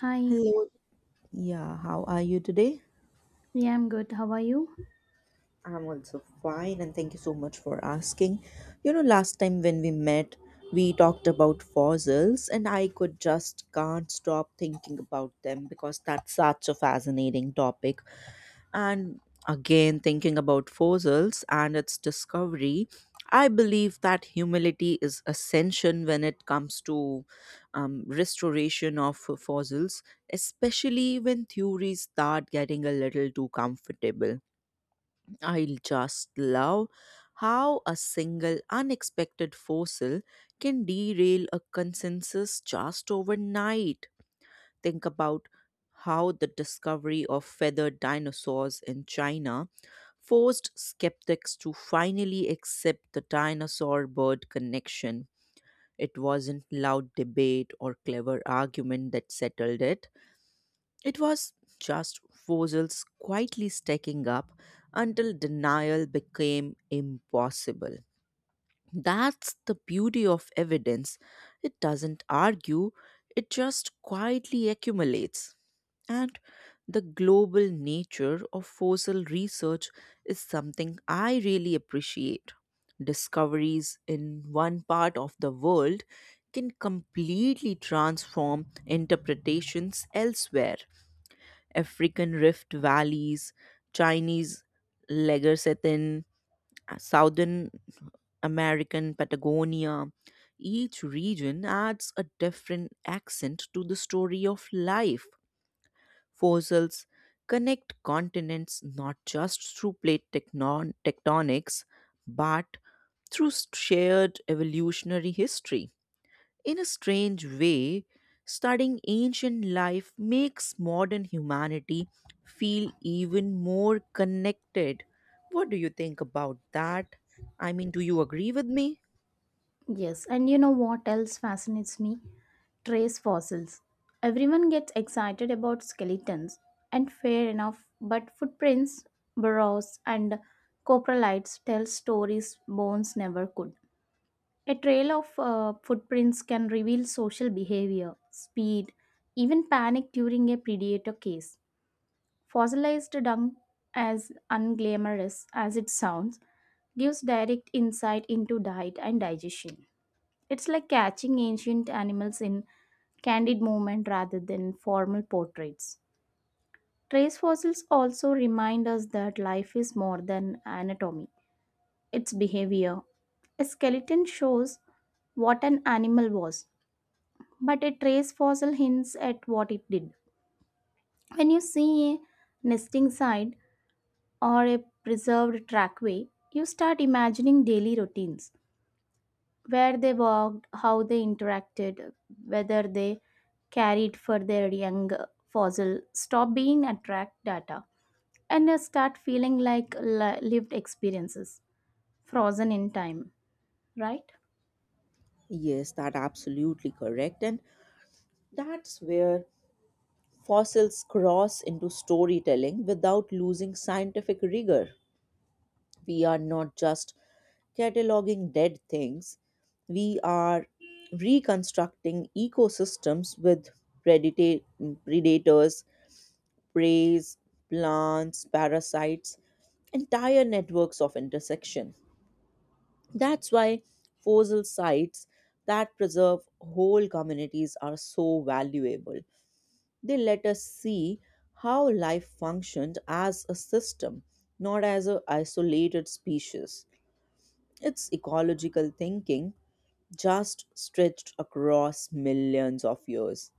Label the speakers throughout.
Speaker 1: Hi,
Speaker 2: Hello. Yeah, how are you today?
Speaker 1: yeah, I'm good. How are you?
Speaker 2: I'm also fine and thank you so much for asking. You know, last time when we met, we talked about fossils and I could just can't stop thinking about them because that's such a fascinating topic. And again, thinking about fossils and its discovery, I believe that humility is ascension when it comes to restoration of fossils, especially when theories start getting a little too comfortable. I just love how a single unexpected fossil can derail a consensus just overnight. Think about how the discovery of feathered dinosaurs in China forced skeptics to finally accept the dinosaur bird connection. It wasn't loud debate or clever argument that settled it. It was just fossils quietly stacking up until denial became impossible. That's the beauty of evidence. It doesn't argue, it just quietly accumulates. And the global nature of fossil research is something I really appreciate. Discoveries in one part of the world can completely transform interpretations elsewhere. African rift valleys, Chinese Legersethin, Southern American Patagonia. Each region adds a different accent to the story of life fossils connect continents not just through tectonics but through shared evolutionary history. In a strange way, studying ancient life makes modern humanity feel even more connected. What do you think about that? I mean, do you agree with me?
Speaker 1: Yes, and you know what else fascinates me? Trace fossils. Everyone gets excited about skeletons, and fair enough, but footprints, burrows, and coprolites tell stories bones never could. A trail of footprints can reveal social behavior, speed, even panic during a predator case. Fossilized dung, as unglamorous as it sounds, gives direct insight into diet and digestion. It's like catching ancient animals in candid movement rather than formal portraits. Trace fossils also remind us that life is more than anatomy, it's behavior. A skeleton shows what an animal was, but a trace fossil hints at what it did. When you see a nesting site, or a preserved trackway, you start imagining daily routines where they walked, how they interacted, whether they carried for their young fossil. Stop being attract data and start feeling like lived experiences, frozen in time, right?
Speaker 2: Yes, that absolutely correct. And that's where fossils cross into storytelling without losing scientific rigor. We are not just cataloging dead things, we are reconstructing ecosystems with predata- predators, preys, plants, parasites, entire networks of intersection. That's why fossil sites that preserve whole communities are so valuable. They let us see how life functioned as a system, not as an isolated species. It's ecological thinking just stretched across millions of years.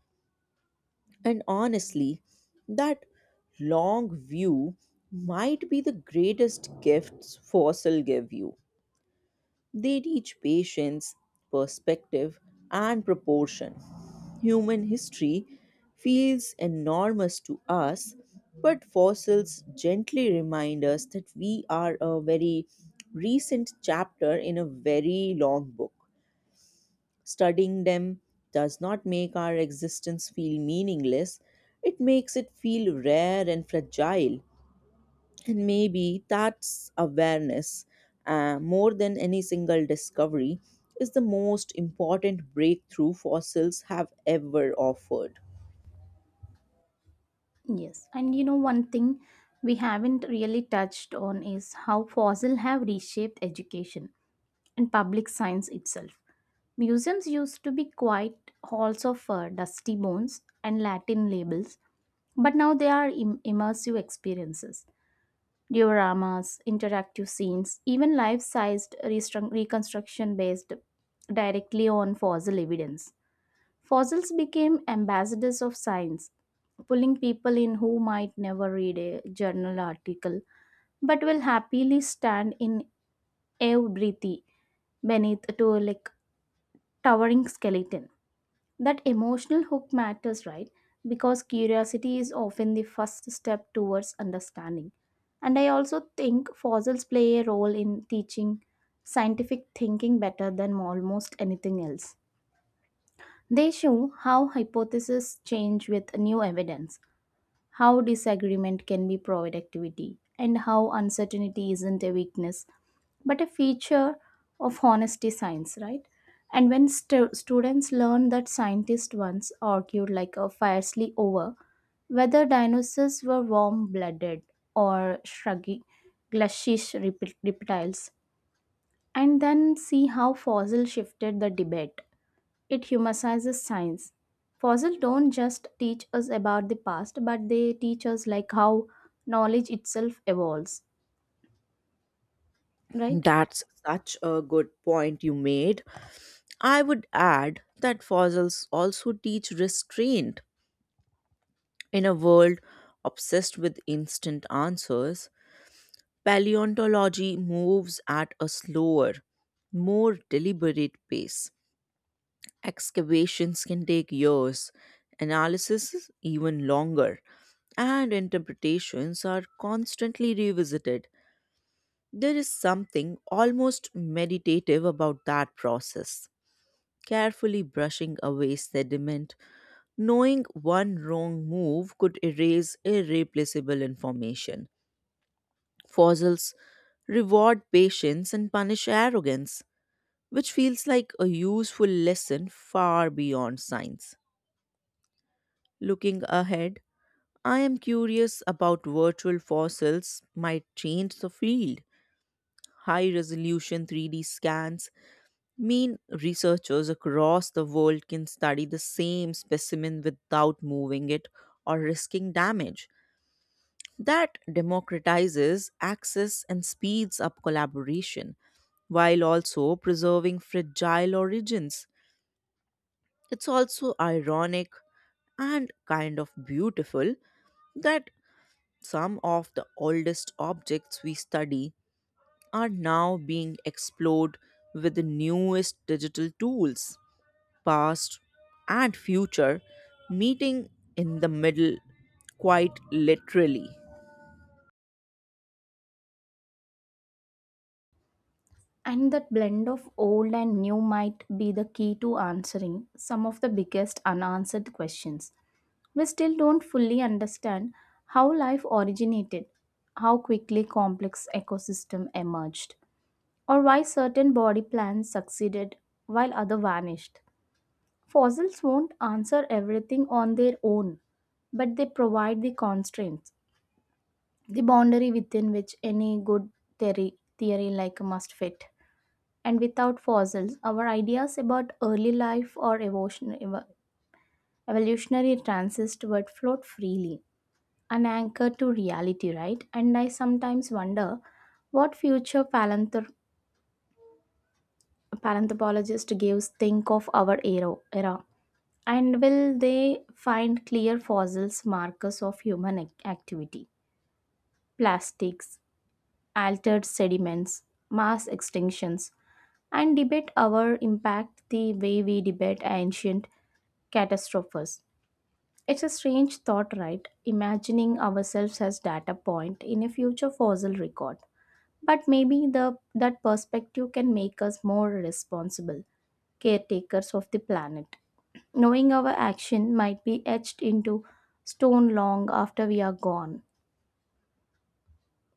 Speaker 2: And honestly, that long view might be the greatest gifts fossil give you they teach patience, perspective, and proportion. Human history feels enormous to us, but fossils gently remind us that we are a very recent chapter in a very long book. Studying them does not make our existence feel meaningless, it makes it feel rare and fragile. And maybe that's awareness more than any single discovery is the most important breakthrough fossils have ever offered.
Speaker 1: Yes, and you know, one thing we haven't really touched on is how fossil have reshaped education and public science itself. Museums used to be quiet halls of dusty bones and Latin labels, but now they are immersive experiences. Dioramas, interactive scenes, even life sized reconstruction based directly on fossil evidence. Fossils became ambassadors of science, pulling people in who might never read a journal article but will happily stand in every beneath to like towering skeleton. That emotional hook matters, right? Because curiosity is often the first step towards understanding. And I also think fossils play a role in teaching scientific thinking better than almost anything else. They show how hypotheses change with new evidence, how disagreement can be productivity, and how uncertainty isn't a weakness but a feature of honesty science, right? And when students learn that scientists once argued like a fiercely over whether dinosaurs were warm blooded or shruggy, glushish reptiles, and then see how fossil shifted the debate it humanizes science. Fossils don't just teach us about the past, but they teach us like how knowledge itself evolves, right?
Speaker 2: That's such a good point you made. I would add that fossils also teach restraint. In a world obsessed with instant answers, paleontology moves at a slower, more deliberate pace. Excavations can take years, analysis is even longer, and interpretations are constantly revisited. There is something almost meditative about that process. Carefully brushing away sediment, knowing one wrong move could erase irreplaceable information. Fossils reward patience and punish arrogance, which feels like a useful lesson far beyond science. Looking ahead, I am curious about virtual fossils might change the field. High resolution 3D scans mean researchers across the world can study the same specimen without moving it or risking damage. That democratizes access and speeds up collaboration while also preserving fragile origins. It's also ironic and kind of beautiful that some of the oldest objects we study are now being explored with the newest digital tools, past and future meeting in the middle quite literally.
Speaker 1: And that blend of old and new might be the key to answering some of the biggest unanswered questions. We still don't fully understand how life originated, how quickly complex ecosystem emerged, or why certain body plans succeeded while other vanished. Fossils won't answer everything on their own, but they provide the constraints, the boundary within which any good theory like must fit. And without fossils, our ideas about early life or evolutionary transist would float freely, unanchored to reality, right? And I sometimes wonder what future palanthropologist gives think of our era. Era. And will they find clear fossils markers of human activity? Plastics, altered sediments, mass extinctions, and debate our impact the way we debate ancient catastrophes. It's a strange thought, right? Imagining ourselves as data point in a future fossil record. But maybe the that perspective can make us more responsible caretakers of the planet, knowing our action might be etched into stone long after we are gone.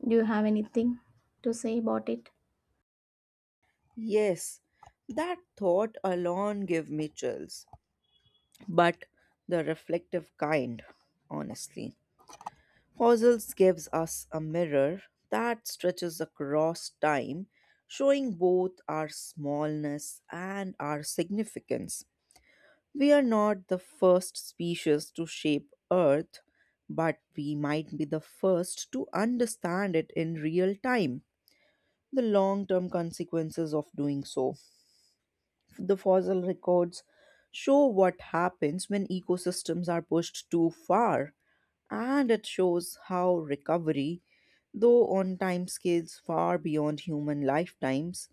Speaker 1: Do you have anything to say about it?
Speaker 2: Yes, that thought alone gave me chills, but the reflective kind, honestly. Fossils gives us a mirror that stretches across time, showing both our smallness and our significance. We are not the first species to shape Earth, but we might be the first to understand it in real time, the long term consequences of doing so. The fossil records show what happens when ecosystems are pushed too far, and it shows how recovery, though on timescales far beyond human lifetimes,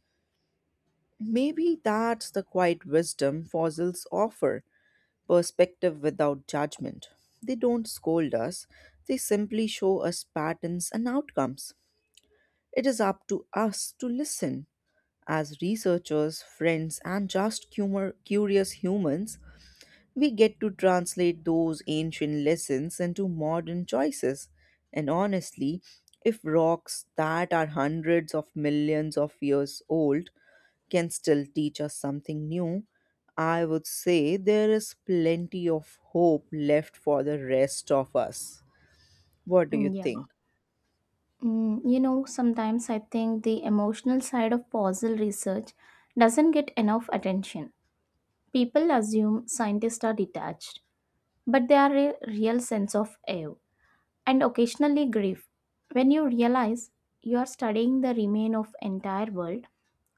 Speaker 2: maybe that's the quiet wisdom fossils offer perspective without judgment. They don't scold us, they simply show us patterns and outcomes. It is up to us to listen. As researchers, friends, and just curious humans, we get to translate those ancient lessons into modern choices. And honestly, if rocks that are hundreds of millions of years old can still teach us something new, I would say there is plenty of hope left for the rest of us. What do you
Speaker 1: Mm, yeah.
Speaker 2: think?
Speaker 1: Mm, you know, sometimes I think the emotional side of fossil research doesn't get enough attention. People assume scientists are detached, but they are a real sense of awe, and occasionally grief when you realize you are studying the remain of entire world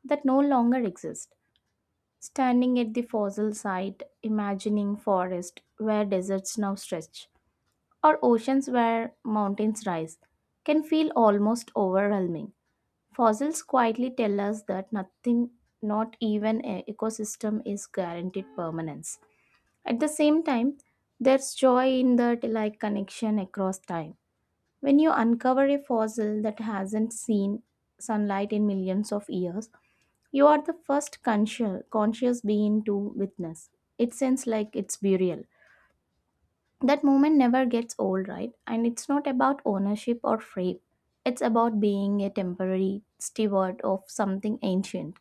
Speaker 1: that no longer exist, standing at the fossil site imagining forest where deserts now stretch, or oceans where mountains rise, can feel almost overwhelming. Fossils quietly tell us that nothing, not even an ecosystem, is guaranteed permanence. At the same time, there's joy in that like connection across time. When you uncover a fossil that hasn't seen sunlight in millions of years, you are the first conscious being to witness. It seems like it's burial. That moment never gets old, right? And it's not about ownership or fame. It's about being a temporary steward of something ancient.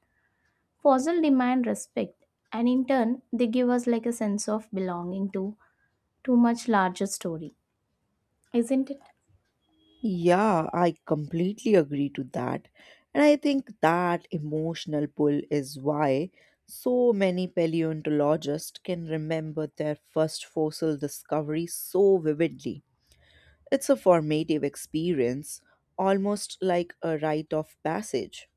Speaker 1: Fossil demand respect, and in turn, they give us like a sense of belonging to too much larger story, isn't it?
Speaker 2: Yeah, I completely agree to that. And I think that emotional pull is why so many paleontologists can remember their first fossil discovery so vividly. It's a formative experience, almost like a rite of passage.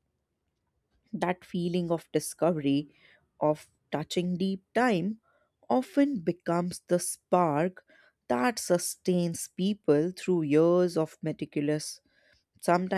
Speaker 2: That feeling of discovery, of touching deep time, often becomes the spark that sustains people through years of meticulous sometimes